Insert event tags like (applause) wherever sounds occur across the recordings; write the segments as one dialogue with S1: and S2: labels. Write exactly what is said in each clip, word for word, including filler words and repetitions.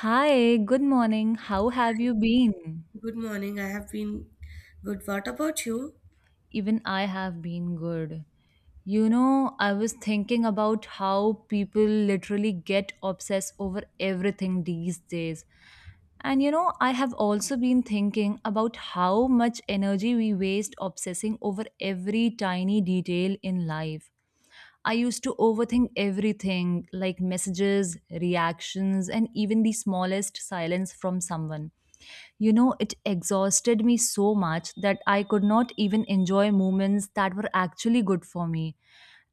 S1: Hi, good morning. How have you been?
S2: Good morning. I have been good. What about you?
S1: Even I have been good. You know, I was thinking about how people literally get obsessed over everything these days. And you know, I have also been thinking about how much energy we waste obsessing over every tiny detail in life. I used to overthink everything like messages, reactions, and even the smallest silence from someone. You know, it exhausted me so much that I could not even enjoy moments that were actually good for me.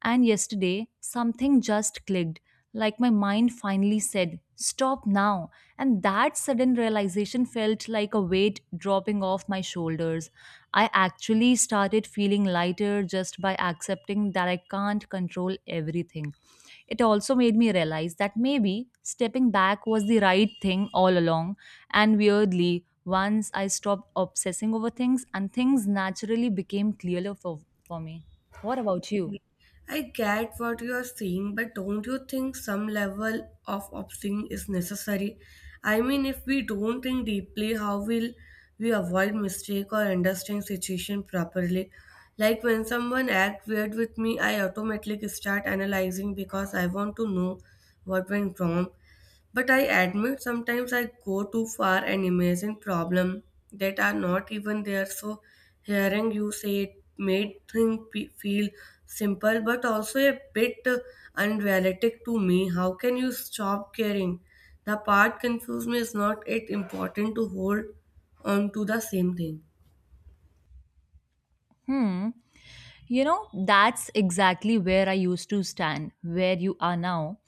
S1: And yesterday, something just clicked, like my mind finally said, Stop now. And that sudden realization felt like a weight dropping off my shoulders. I actually started feeling lighter just by accepting that I can't control everything. It also made me realize that maybe stepping back was the right thing all along. And weirdly, once I stopped obsessing over things, and things naturally became clearer for, for me. What about you?
S2: I get what you are saying, but don't you think some level of opting is necessary? I mean, if we don't think deeply, how will we avoid mistake or understand situation properly? Like when someone act weird with me, I automatically start analyzing because I want to know what went wrong. But I admit sometimes I go too far and imagine problems that are not even there. So hearing you say it made things pe- feel simple but also a bit uh, unrealistic to me. How can you stop caring? The part confused me is not it important to hold on to the same thing.
S1: Hmm. You know, that's exactly where I used to stand, where you are now.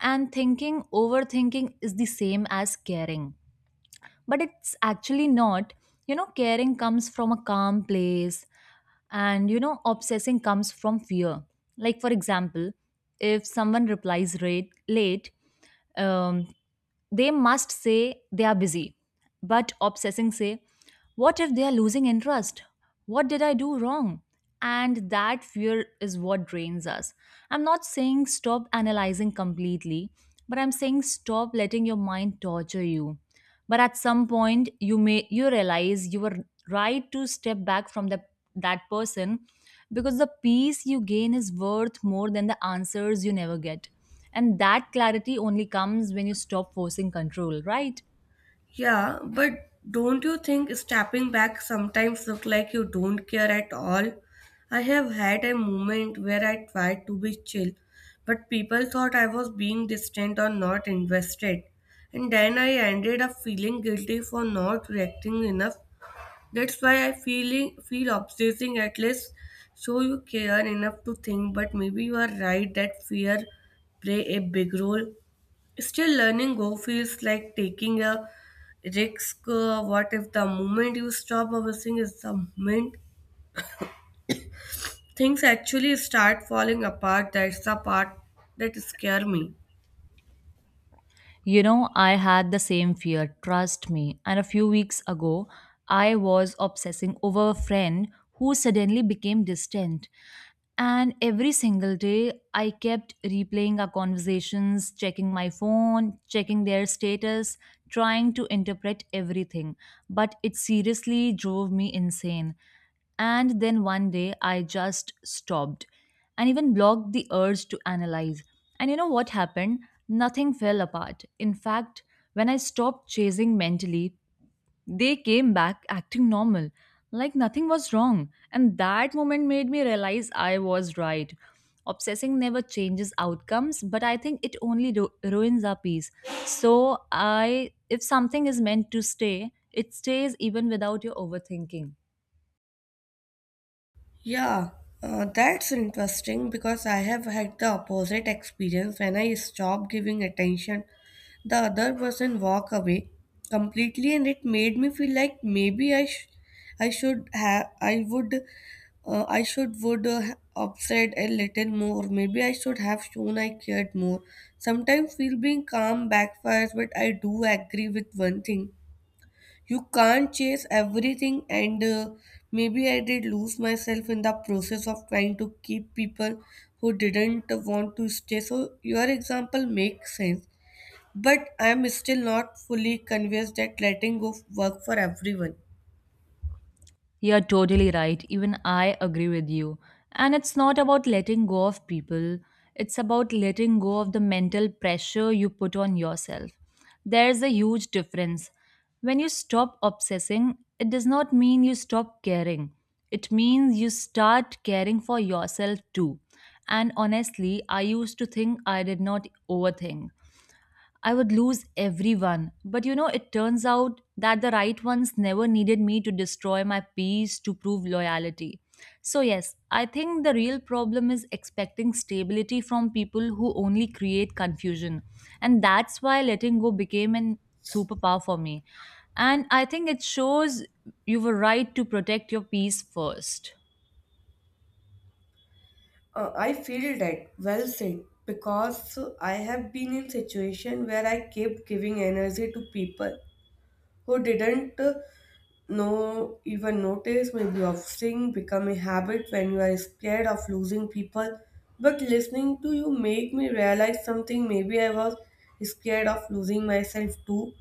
S1: And thinking, overthinking is the same as caring. But it's actually not. You know, caring comes from a calm place, and you know, obsessing comes from fear. Like, for example, if someone replies rate, late, um, they must say they are busy, but obsessing say, what if they are losing interest? What did I do wrong? And that fear is what drains us. I'm not saying stop analyzing completely, but I'm saying stop letting your mind torture you. But at some point, you may you realize you were right to step back from the, that person because the peace you gain is worth more than the answers you never get. And that clarity only comes when you stop forcing control, right?
S2: Yeah, but don't you think stepping back sometimes look like you don't care at all? I have had a moment where I tried to be chill, but people thought I was being distant or not invested. And then I ended up feeling guilty for not reacting enough. That's why I feeling feel obsessing at least show you care enough to think, but maybe you are right that fear play a big role. Still, learning Go feels like taking a risk. Uh, what if the moment you stop obsessing is the moment things actually start falling apart? That's the part that scare me.
S1: You know, I had the same fear, trust me. And a few weeks ago, I was obsessing over a friend who suddenly became distant. And every single day, I kept replaying our conversations, checking my phone, checking their status, trying to interpret everything. But it seriously drove me insane. And then one day, I just stopped and even blocked the urge to analyze. And you know what happened? Nothing fell apart. In fact, when I stopped chasing mentally, they came back acting normal, like nothing was wrong. And that moment made me realize I was right. Obsessing never changes outcomes, but I think it only ru- ruins our peace. So, I if something is meant to stay, it stays even without your overthinking.
S2: Yeah, uh, that's interesting because I have had the opposite experience. When I stopped giving attention, the other person walk away completely, and it made me feel like maybe I, sh- I should have, I would Uh, I should would uh, ha- upset a little more. Maybe I should have shown I cared more. Sometimes feel being calm backfires, but I do agree with one thing. You can't chase everything, and uh, maybe I did lose myself in the process of trying to keep people who didn't want to stay. So, your example makes sense, but I'm still not fully convinced that letting go work for everyone.
S1: You're totally right. Even I agree with you. And it's not about letting go of people, it's about letting go of the mental pressure you put on yourself. There's a huge difference. When you stop obsessing, it does not mean you stop caring. It means you start caring for yourself too. And honestly, I used to think I did not overthink. I would lose everyone. But you know, it turns out that the right ones never needed me to destroy my peace to prove loyalty. So, yes, I think the real problem is expecting stability from people who only create confusion. And that's why letting go became an superpower for me. And I think it shows you were right to protect your peace first.
S2: Uh, I feel that well said because I have been in situation where I kept giving energy to people who didn't uh, know even notice. Maybe obsessing become a habit when you are scared of losing people, but listening to you make me realize something. Maybe I was scared of losing myself too.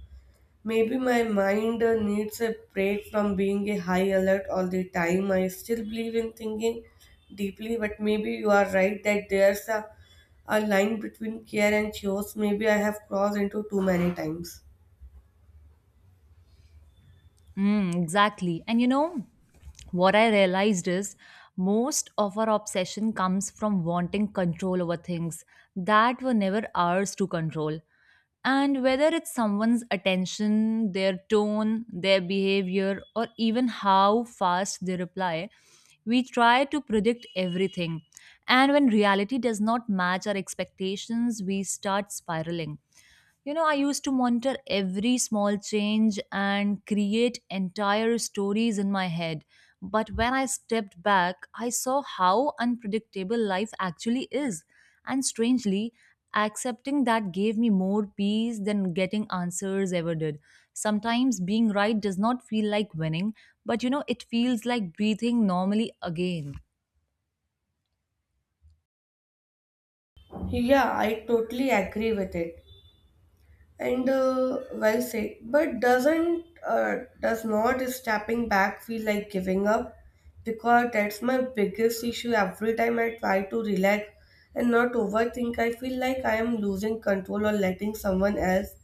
S2: Maybe my mind uh, needs a break from being a high alert all the time. I still believe in thinking deeply, but maybe you are right that there's a, a line between care and chores. Maybe I have crossed into too many times.
S1: Mm, exactly. And you know, what I realized is most of our obsession comes from wanting control over things that were never ours to control. And whether it's someone's attention, their tone, their behavior, or even how fast they reply, we try to predict everything. And when reality does not match our expectations, we start spiraling. You know, I used to monitor every small change and create entire stories in my head. But when I stepped back, I saw how unpredictable life actually is. And strangely, accepting that gave me more peace than getting answers ever did. Sometimes being right does not feel like winning, but you know, it feels like breathing normally again.
S2: Yeah, I totally agree with it. and uh, well said, but doesn't uh, does not stepping back feel like giving up? Because that's my biggest issue. Every time I try to relax and not overthink, I feel like I am losing control or letting someone else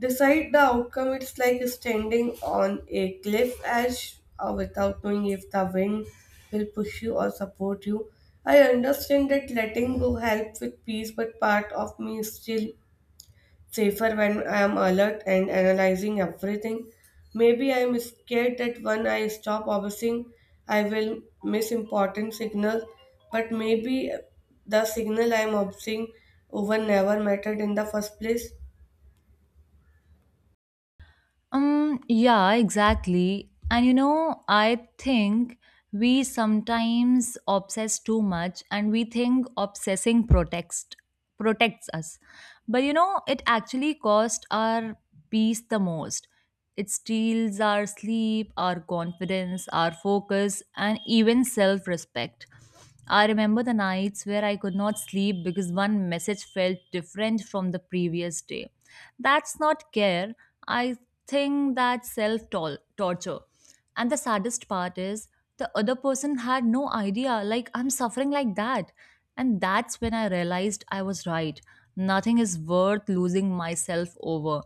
S2: decide the outcome. It's like standing on a cliff edge uh, without knowing if the wind will push you or support you. I understand that letting go helps with peace, but part of me still safer when I am alert and analyzing everything. Maybe I am scared that when I stop obsessing, I will miss important signals, but maybe the signal I am obsessing over never mattered in the first place.
S1: Um, yeah, exactly. And you know, I think we sometimes obsess too much and we think obsessing protects protects us. But you know, it actually cost our peace the most. It steals our sleep, our confidence, our focus, and even self respect. I remember the nights where I could not sleep because one message felt different from the previous day. That's not care. I think that's self torture. And the saddest part is the other person had no idea, like, I'm suffering like that. And that's when I realized I was right. Nothing is worth losing myself over.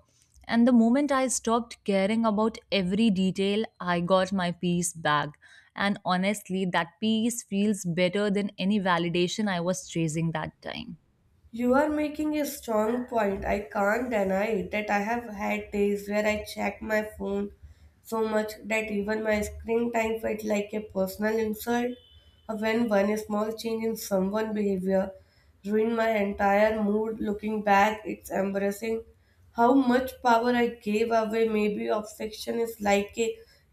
S1: And the moment I stopped caring about every detail, I got my peace back. And honestly, that peace feels better than any validation I was chasing that time.
S2: You are making a strong point. I can't deny it that I have had days where I checked my phone so much that even my screen time felt like a personal insult. When one small change in someone's behavior ruined my entire mood, looking back, it's embarrassing how much power I gave away. Maybe obsession is like a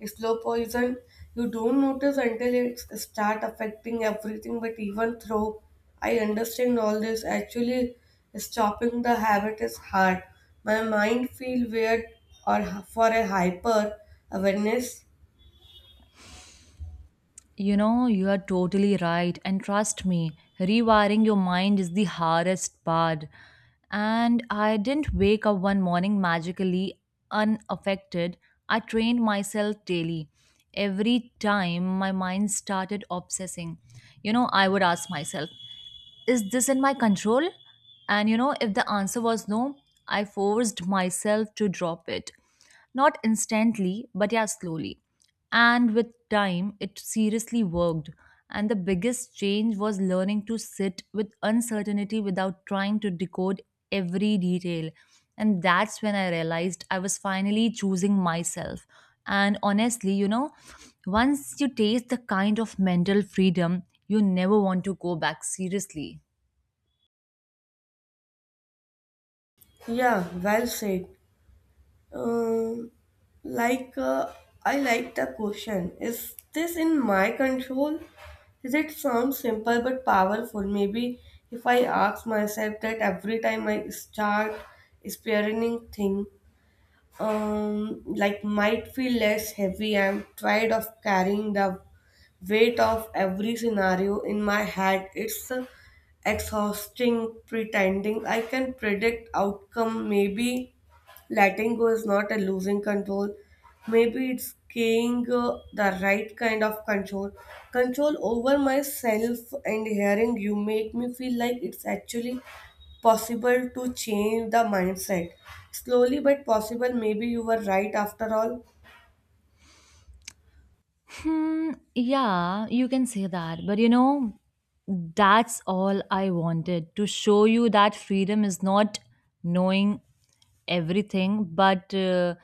S2: slow poison. You don't notice until it start affecting everything. But even though I understand all this, actually stopping the habit is hard. My mind feel weird or for a hyper awareness.
S1: You know, you are totally right. And trust me, rewiring your mind is the hardest part. And I didn't wake up one morning magically unaffected. I trained myself daily. Every time my mind started obsessing, you know, I would ask myself, is this in my control? And you know, if the answer was no, I forced myself to drop it. Not instantly, but yeah, slowly. And with time, it seriously worked. And the biggest change was learning to sit with uncertainty without trying to decode every detail. And that's when I realized I was finally choosing myself. And honestly, you know, once you taste the kind of mental freedom, you never want to go back seriously.
S2: Yeah, well said. Um, like uh, I like the question. Is this in my control? Does it sound simple but powerful? Maybe if I ask myself that every time I start experiencing thing, um, like might feel less heavy. I'm tired of carrying the weight of every scenario in my head. It's uh, exhausting pretending I can predict outcome. Maybe letting go is not a losing control. Maybe it's gaining uh, the right kind of control. Control over myself, and hearing you make me feel like it's actually possible to change the mindset. Slowly but possible, maybe you were right after all.
S1: Hmm, yeah, you can say that. But you know, that's all I wanted to show you that freedom is not knowing everything, but uh,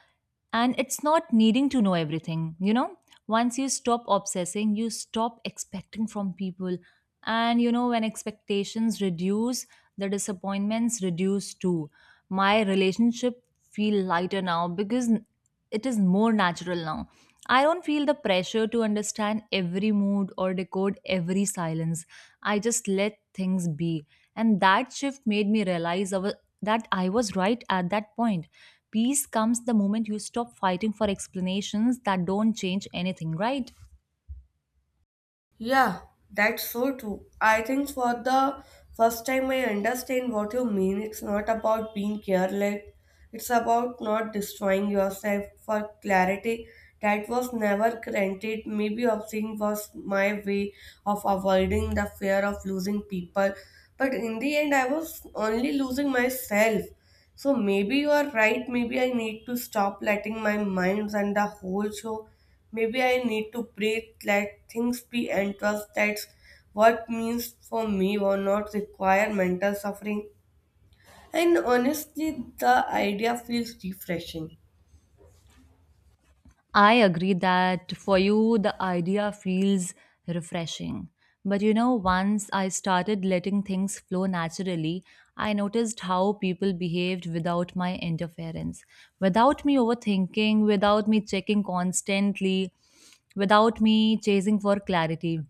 S1: and it's not needing to know everything. You know, once you stop obsessing, you stop expecting from people. And you know, when expectations reduce, the disappointments reduce too. My relationship feel lighter now because it is more natural now. I don't feel the pressure to understand every mood or decode every silence. I just let things be. And that shift made me realize I wa- that I was right at that point. Peace comes the moment you stop fighting for explanations that don't change anything, right?
S2: Yeah, that's so true. I think for the first time I understand what you mean. It's not about being careless, it's about not destroying yourself. For clarity, that was never granted. Maybe obsessing was my way of avoiding the fear of losing people, but in the end, I was only losing myself. So maybe you are right. Maybe I need to stop letting my mind run the whole show. Maybe I need to breathe, let things be, and trust that's what means for me will not require mental suffering. And honestly, the idea feels refreshing.
S1: I agree that for you, the idea feels refreshing. But you know, once I started letting things flow naturally, I noticed how people behaved without my interference, without me overthinking, without me checking constantly, without me chasing for clarity.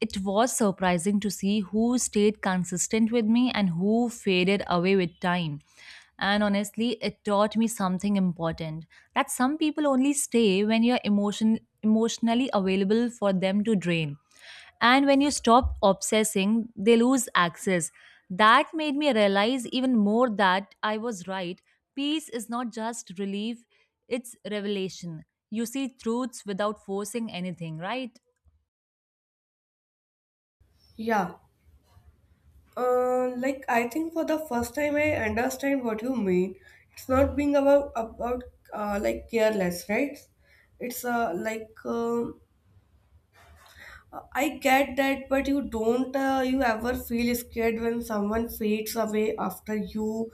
S1: It was surprising to see who stayed consistent with me and who faded away with time. And honestly, it taught me something important that some people only stay when you're emotion, emotionally available for them to drain. And when you stop obsessing, they lose access. That made me realize even more that I was right. Peace is not just relief, it's revelation. You see truths without forcing anything, right?
S2: Yeah. Uh, like I think for the first time I understand what you mean. It's not being about about uh, like careless, right? It's uh, like. Um Uh, I get that, but you don't uh, you ever feel scared when someone fades away after you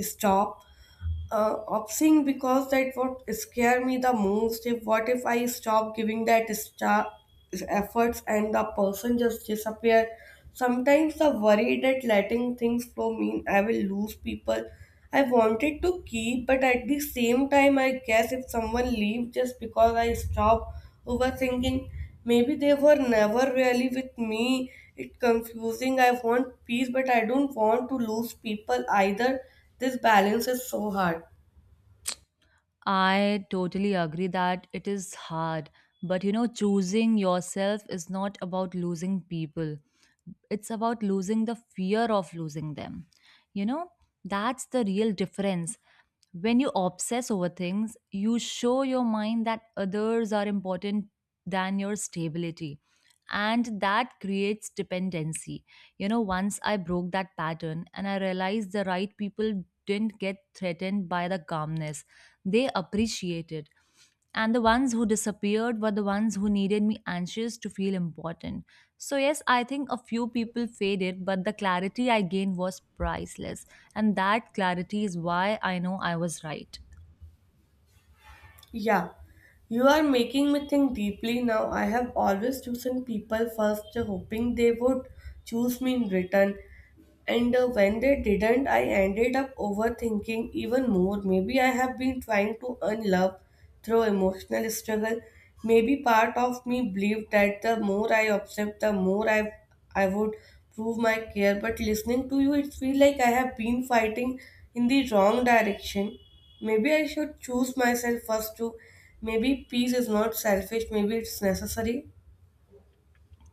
S2: stop uh, opting? Because that what scare me the most. If what if I stop giving that star efforts and the person just disappear? Sometimes the worry that letting things flow mean I will lose people I wanted to keep, but at the same time, I guess if someone leave just because I stop overthinking, maybe they were never really with me. It's confusing. I want peace, but I don't want to lose people either. This balance is so hard.
S1: I totally agree that it is hard, but you know, choosing yourself is not about losing people. It's about losing the fear of losing them. You know, that's the real difference when you obsess over things, you show your mind that others are important than your stability. And that creates dependency. You know, once I broke that pattern and I realized the right people didn't get threatened by the calmness, they appreciated. And the ones who disappeared were the ones who needed me anxious to feel important. So, yes, I think a few people faded, but the clarity I gained was priceless. And that clarity is why I know I was right.
S2: Yeah, you are making me think deeply now. I have always chosen people first, hoping they would choose me in return. And uh, when they didn't, I ended up overthinking even more. Maybe I have been trying to earn love through emotional struggle. Maybe part of me believed that the more I observed, the more I I would prove my care. But listening to you, it feels like I have been fighting in the wrong direction. Maybe I should choose myself first too. Maybe peace is not selfish. Maybe it's necessary.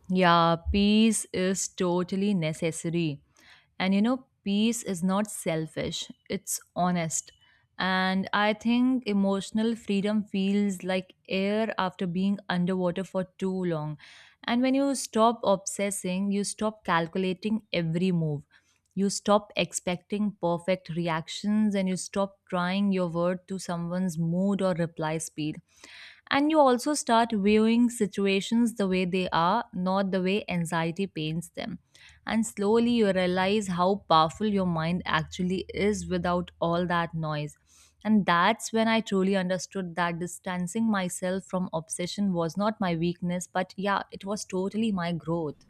S1: Yeah, peace is totally necessary. And you know, peace is not selfish, it's honest. And I think emotional freedom feels like air after being underwater for too long. And when you stop obsessing, you stop calculating every move. You stop expecting perfect reactions and you stop trying your word to someone's mood or reply speed, and you also start viewing situations the way they are, not the way anxiety paints them. And slowly you realize how powerful your mind actually is without all that noise. And that's when I truly understood that distancing myself from obsession was not my weakness, but yeah, it was totally my growth.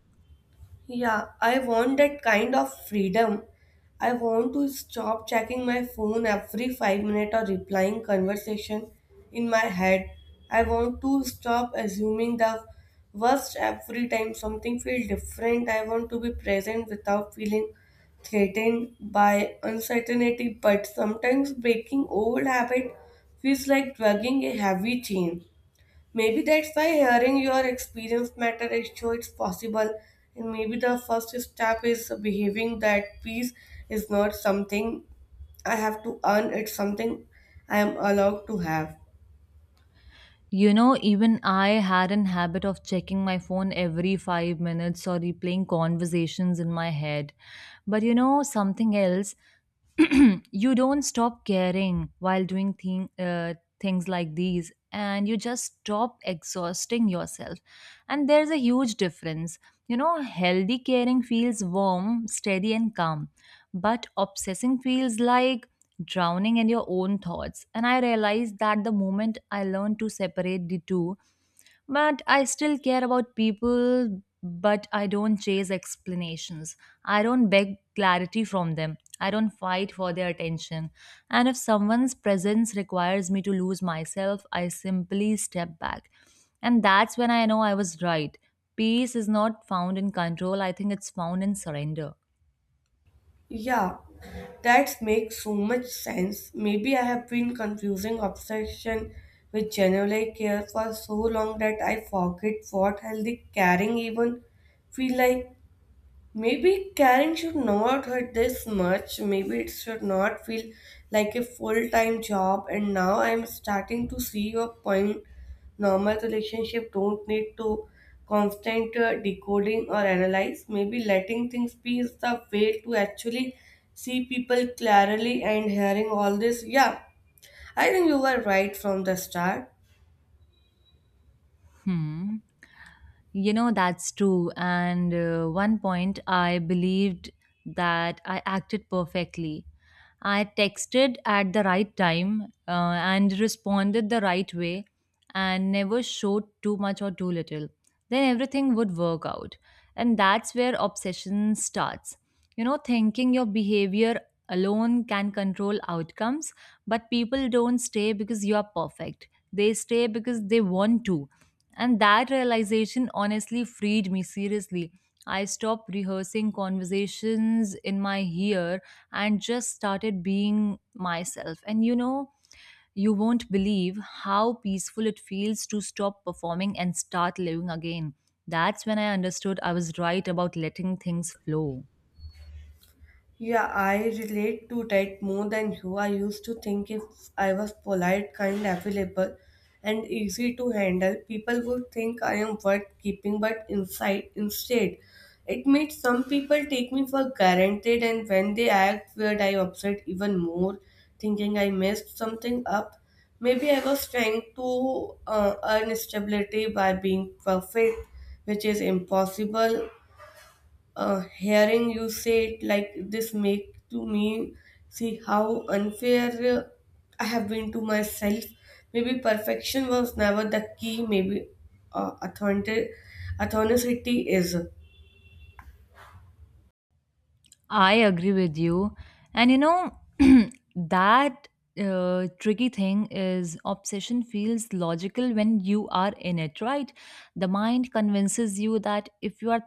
S2: Yeah, I want that kind of freedom. I want to stop checking my phone every five minutes or replying conversation in my head. I want to stop assuming the worst every time something feels different. I want to be present without feeling threatened by uncertainty, but sometimes breaking old habit feels like dragging a heavy chain. Maybe that's why hearing your experience matter is show it's possible. And maybe the first step is behaving that peace is not something I have to earn, it's something I am allowed to have.
S1: You know, even I had an habit of checking my phone every five minutes or replaying conversations in my head. But you know, something else, (clears throat) you don't stop caring while doing thing, uh, things like these and you just stop exhausting yourself. And there's a huge difference. You know, healthy caring feels warm, steady and calm, but obsessing feels like drowning in your own thoughts. And I realized that the moment I learned to separate the two. But I still care about people, but I don't chase explanations. I don't beg clarity from them. I don't fight for their attention. And if someone's presence requires me to lose myself, I simply step back. And that's when I know I was right. Peace is not found in control, I think it's found in surrender.
S2: Yeah, that makes so much sense. Maybe I have been confusing obsession with genuine care for so long that I forget what healthy caring even feel like. Maybe Karen should not hurt this much. Maybe it should not feel like a full time job. And now I'm starting to see your point. Normal relationship don't need to constant uh, decoding or analyze. Maybe letting things be is the way to actually see people clearly, and hearing all this. Yeah, I think you were right from the start.
S1: Hmm. You know, that's true. And uh, one point, I believed that I acted perfectly. I texted at the right time uh, and responded the right way and never showed too much or too little. Then everything would work out. And that's where obsession starts. You know, thinking your behavior alone can control outcomes, but people don't stay because you are perfect. They stay because they want to, and that realization honestly freed me seriously. I stopped rehearsing conversations in my ear and just started being myself. And you know, you won't believe how peaceful it feels to stop performing and start living again. That's when I understood I was right about letting things flow.
S2: Yeah, I relate to that more than you. I used to think if I was polite, kind, available, and easy to handle, people would think I am worth keeping, but inside, instead, it made some people take me for granted, and when they act weird, I upset even more, thinking I messed something up. Maybe I was trying to uh, earn stability by being perfect, which is impossible. Uh, hearing you say it like this make to me see how unfair uh, I have been to myself. Maybe perfection was never the key. Maybe uh, authentic authenticity is.
S1: I agree with you. And you know, (clears throat) that uh, tricky thing is, obsession feels logical when you are in it, right? The mind convinces you that if you are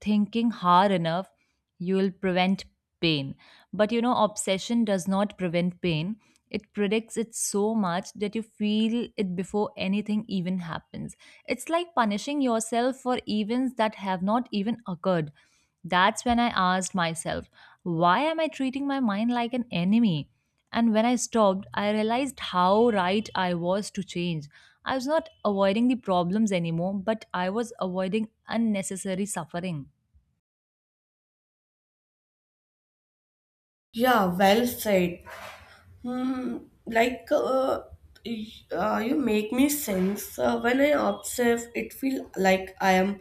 S1: thinking hard enough, you will prevent pain. But you know, obsession does not prevent pain. It predicts it so much that you feel it before anything even happens. It's like punishing yourself for events that have not even occurred. That's when I asked myself, why am I treating my mind like an enemy? And when I stopped, I realized how right I was to change. I was not avoiding the problems anymore, but I was avoiding unnecessary suffering.
S2: Yeah, well said. Hmm, like uh, y- uh, you make me sense uh, when I observe it feel like I am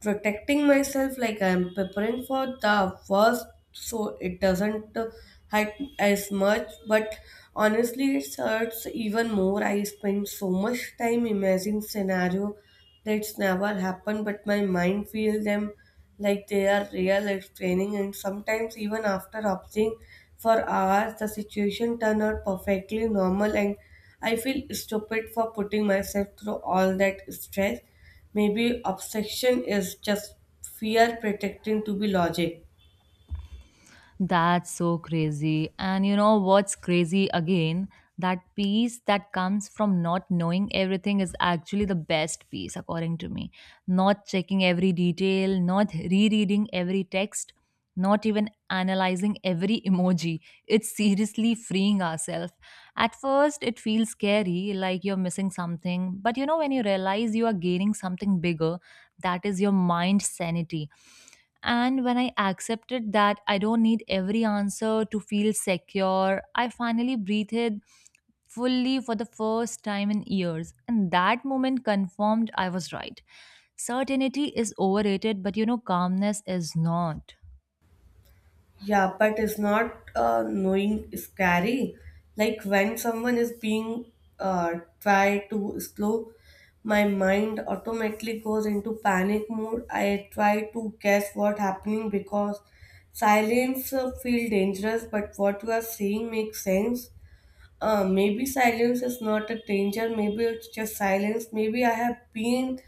S2: protecting myself, like I am preparing for the worst, so it doesn't uh, hurt as much. But honestly, it hurts even more. I spend so much time imagining scenario that's never happened, but my mind feels them like they are real explaining. And sometimes even after observing for hours, the situation turned out perfectly normal, and I feel stupid for putting myself through all that stress. Maybe obsession is just fear pretending to be logic.
S1: That's so crazy. And you know what's crazy again? That peace that comes from not knowing everything is actually the best peace, according to me. Not checking every detail, not rereading every text, not even analyzing every emoji. It's seriously freeing ourselves. At first, it feels scary, like you're missing something. But you know, when you realize you are gaining something bigger, that is your mind sanity. And when I accepted that I don't need every answer to feel secure, I finally breathed fully for the first time in years. And that moment confirmed I was right. Certainty is overrated, but you know, calmness is not.
S2: Yeah, but is not uh, knowing scary? Like when someone is being uh, try to slow, my mind automatically goes into panic mode. I try to guess what happening because silence uh, feel dangerous, but what you are seeing makes sense. Uh, maybe silence is not a danger, maybe it's just silence. Maybe I have been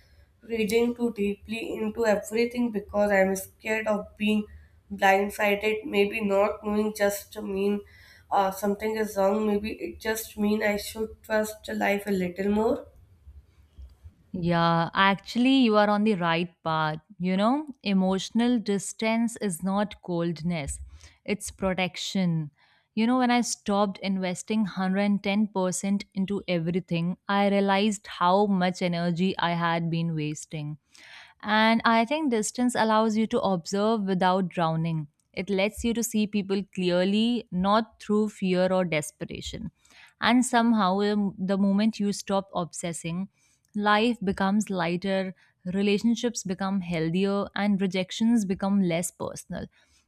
S2: reading too deeply into everything because I'm scared of being blindsided. Maybe not knowing just to mean uh, something is wrong. Maybe it just mean I should trust life a little more.
S1: Yeah, actually, you are on the right path. You know, emotional distance is not coldness, it's protection. You know, when I stopped investing one hundred ten percent into everything, I realized how much energy I had been wasting. And I think distance allows you to observe without drowning. It lets you to see people clearly, not through fear or desperation. And somehow, um, the moment you stop obsessing, life becomes lighter, relationships become healthier, and rejections become less personal.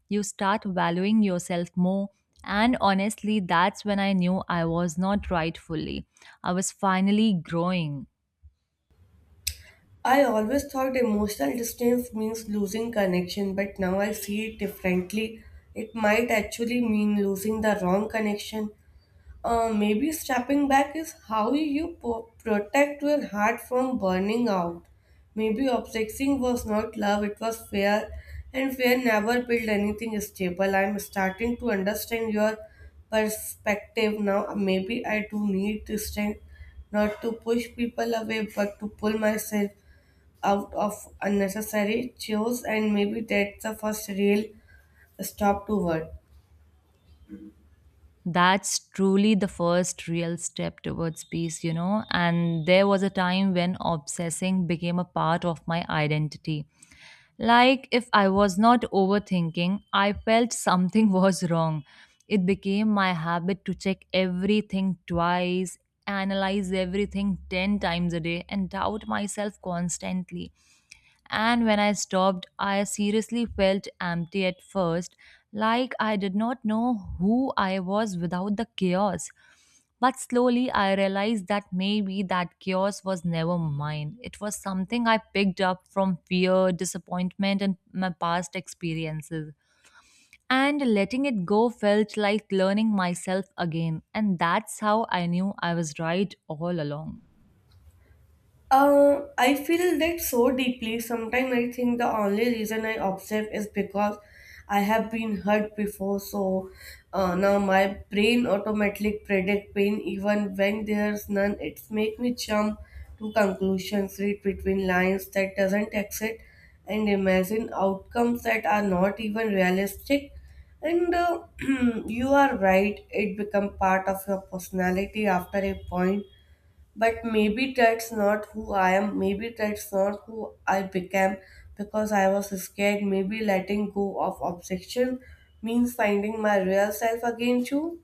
S1: You start valuing yourself more. And honestly, that's when I knew I was not right fully. I was finally growing.
S2: I always thought emotional distance means losing connection, but now I see it differently. It might actually mean losing the wrong connection. Uh, maybe stepping back is how you po- protect your heart from burning out. Maybe obsessing was not love, it was fear, and fear never built anything stable. I'm starting to understand your perspective now. Maybe I do need to strength, not to push people away, but to pull myself out of unnecessary chores, and maybe that's the first real stop toward.
S1: That's truly the first real step towards peace, you know. And there was a time when obsessing became a part of my identity. Like, if I was not overthinking, I felt something (laughs) was wrong. It became my habit to check everything twice, analyze everything ten times a day, and doubt myself constantly. And when I stopped, I seriously felt empty at first, like I did not know who I was without the chaos. But slowly I realized that maybe that chaos was never mine. It was something I picked up from fear, disappointment, and my past experiences. And letting it go felt like learning myself again. And that's how I knew I was right all along.
S2: Uh, I feel that so deeply. Sometimes I think the only reason I observe is because I have been hurt before. So uh, now my brain automatically predict pain even when there's none. It's make me jump to conclusions, read between lines that doesn't exist, and imagine outcomes that are not even realistic. And uh, (clears throat) you are right. It become part of your personality after a point, but maybe that's not who I am. Maybe that's not who I became because I was scared. Maybe letting go of objection means finding my real self again, too.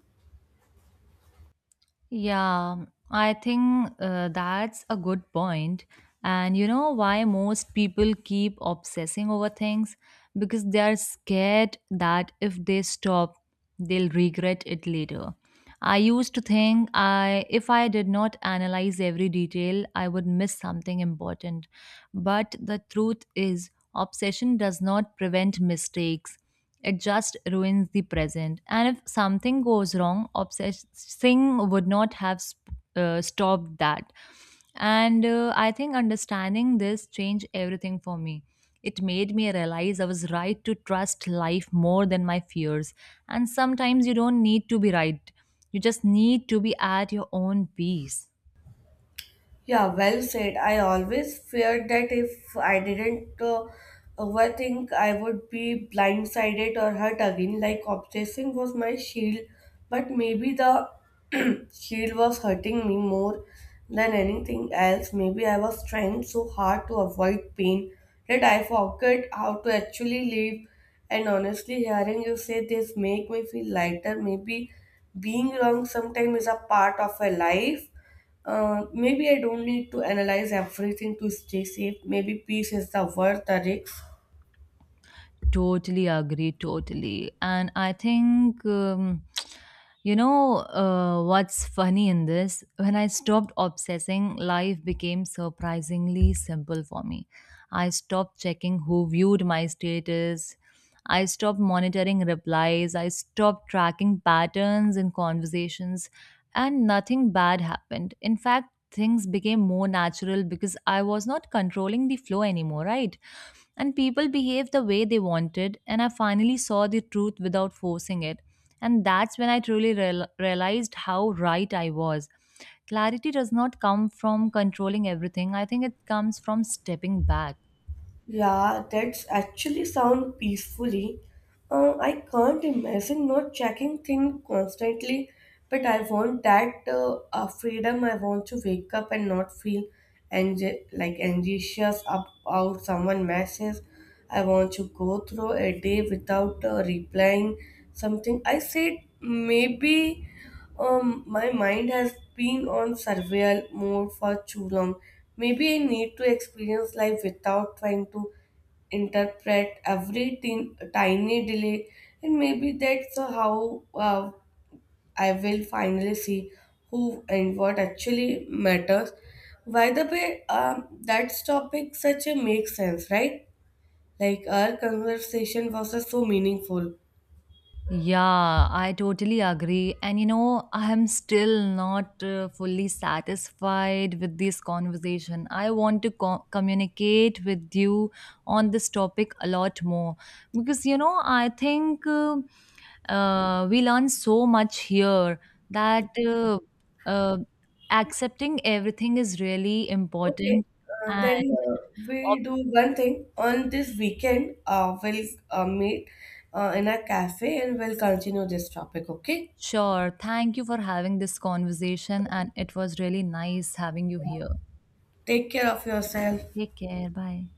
S1: Yeah, I think uh, that's a good point. And you know why most people keep obsessing over things? Because they are scared that if they stop, they'll regret it later. I used to think I if I did not analyze every detail, I would miss something important. But the truth is, obsession does not prevent mistakes. It just ruins the present. And if something goes wrong, obsessing would not have sp- uh, stopped that. And uh, I think understanding this changed everything for me. It made me realize I was right to trust life more than my fears. And sometimes you don't need to be right, you just need to be at your own peace.
S2: Yeah, well said. I always feared that if I didn't uh, overthink, I would be blindsided or hurt again. Like, obsessing was my shield, but maybe the (clears throat) shield was hurting me more than anything else. Maybe I was trying so hard to avoid pain that I forgot how to actually live. And honestly, hearing you say this make me feel lighter. Maybe being wrong sometimes is a part of a life. Uh, maybe I don't need to analyze everything to stay safe. Maybe peace is the worth the risk.
S1: Totally agree, totally. And I think, um, you know, uh, what's funny in this, when I stopped obsessing, life became surprisingly simple for me. I stopped checking who viewed my status. I stopped monitoring replies. I stopped tracking patterns in conversations. And nothing bad happened. In fact, things became more natural because I was not controlling the flow anymore, right? And people behaved the way they wanted, and I finally saw the truth without forcing it. And that's when I truly real- realized how right I was. Clarity does not come from controlling everything, I think it comes from stepping back.
S2: Yeah, that's actually sound peacefully. Uh, I can't imagine not checking things constantly, but I want that uh, uh, freedom. I want to wake up and not feel anxi- like anxious about someone message. I want to go through a day without uh, replying something. I said maybe. Um, my mind has been on survival mode for too long. Maybe I need to experience life without trying to interpret every tin- tiny delay, and maybe that's how uh, I will finally see who and what actually matters. By the way, um, that topic such a makes sense, right? Like our conversation was uh, so meaningful.
S1: Yeah, I totally agree. And you know, I am still not uh, fully satisfied with this conversation. I want to co- communicate with you on this topic a lot more because you know, I think. Uh, Uh, we learn so much here that uh, uh, accepting everything is really
S2: Okay,
S1: important.
S2: uh, then
S1: And
S2: uh,
S1: oh,
S2: we'll do one thing. On this weekend, uh, we'll uh, meet uh, in a cafe and we'll continue this topic, okay?
S1: sure, thank you for having this conversation, and it was really nice having you here.
S2: Take care of yourself.
S1: Take care. Bye.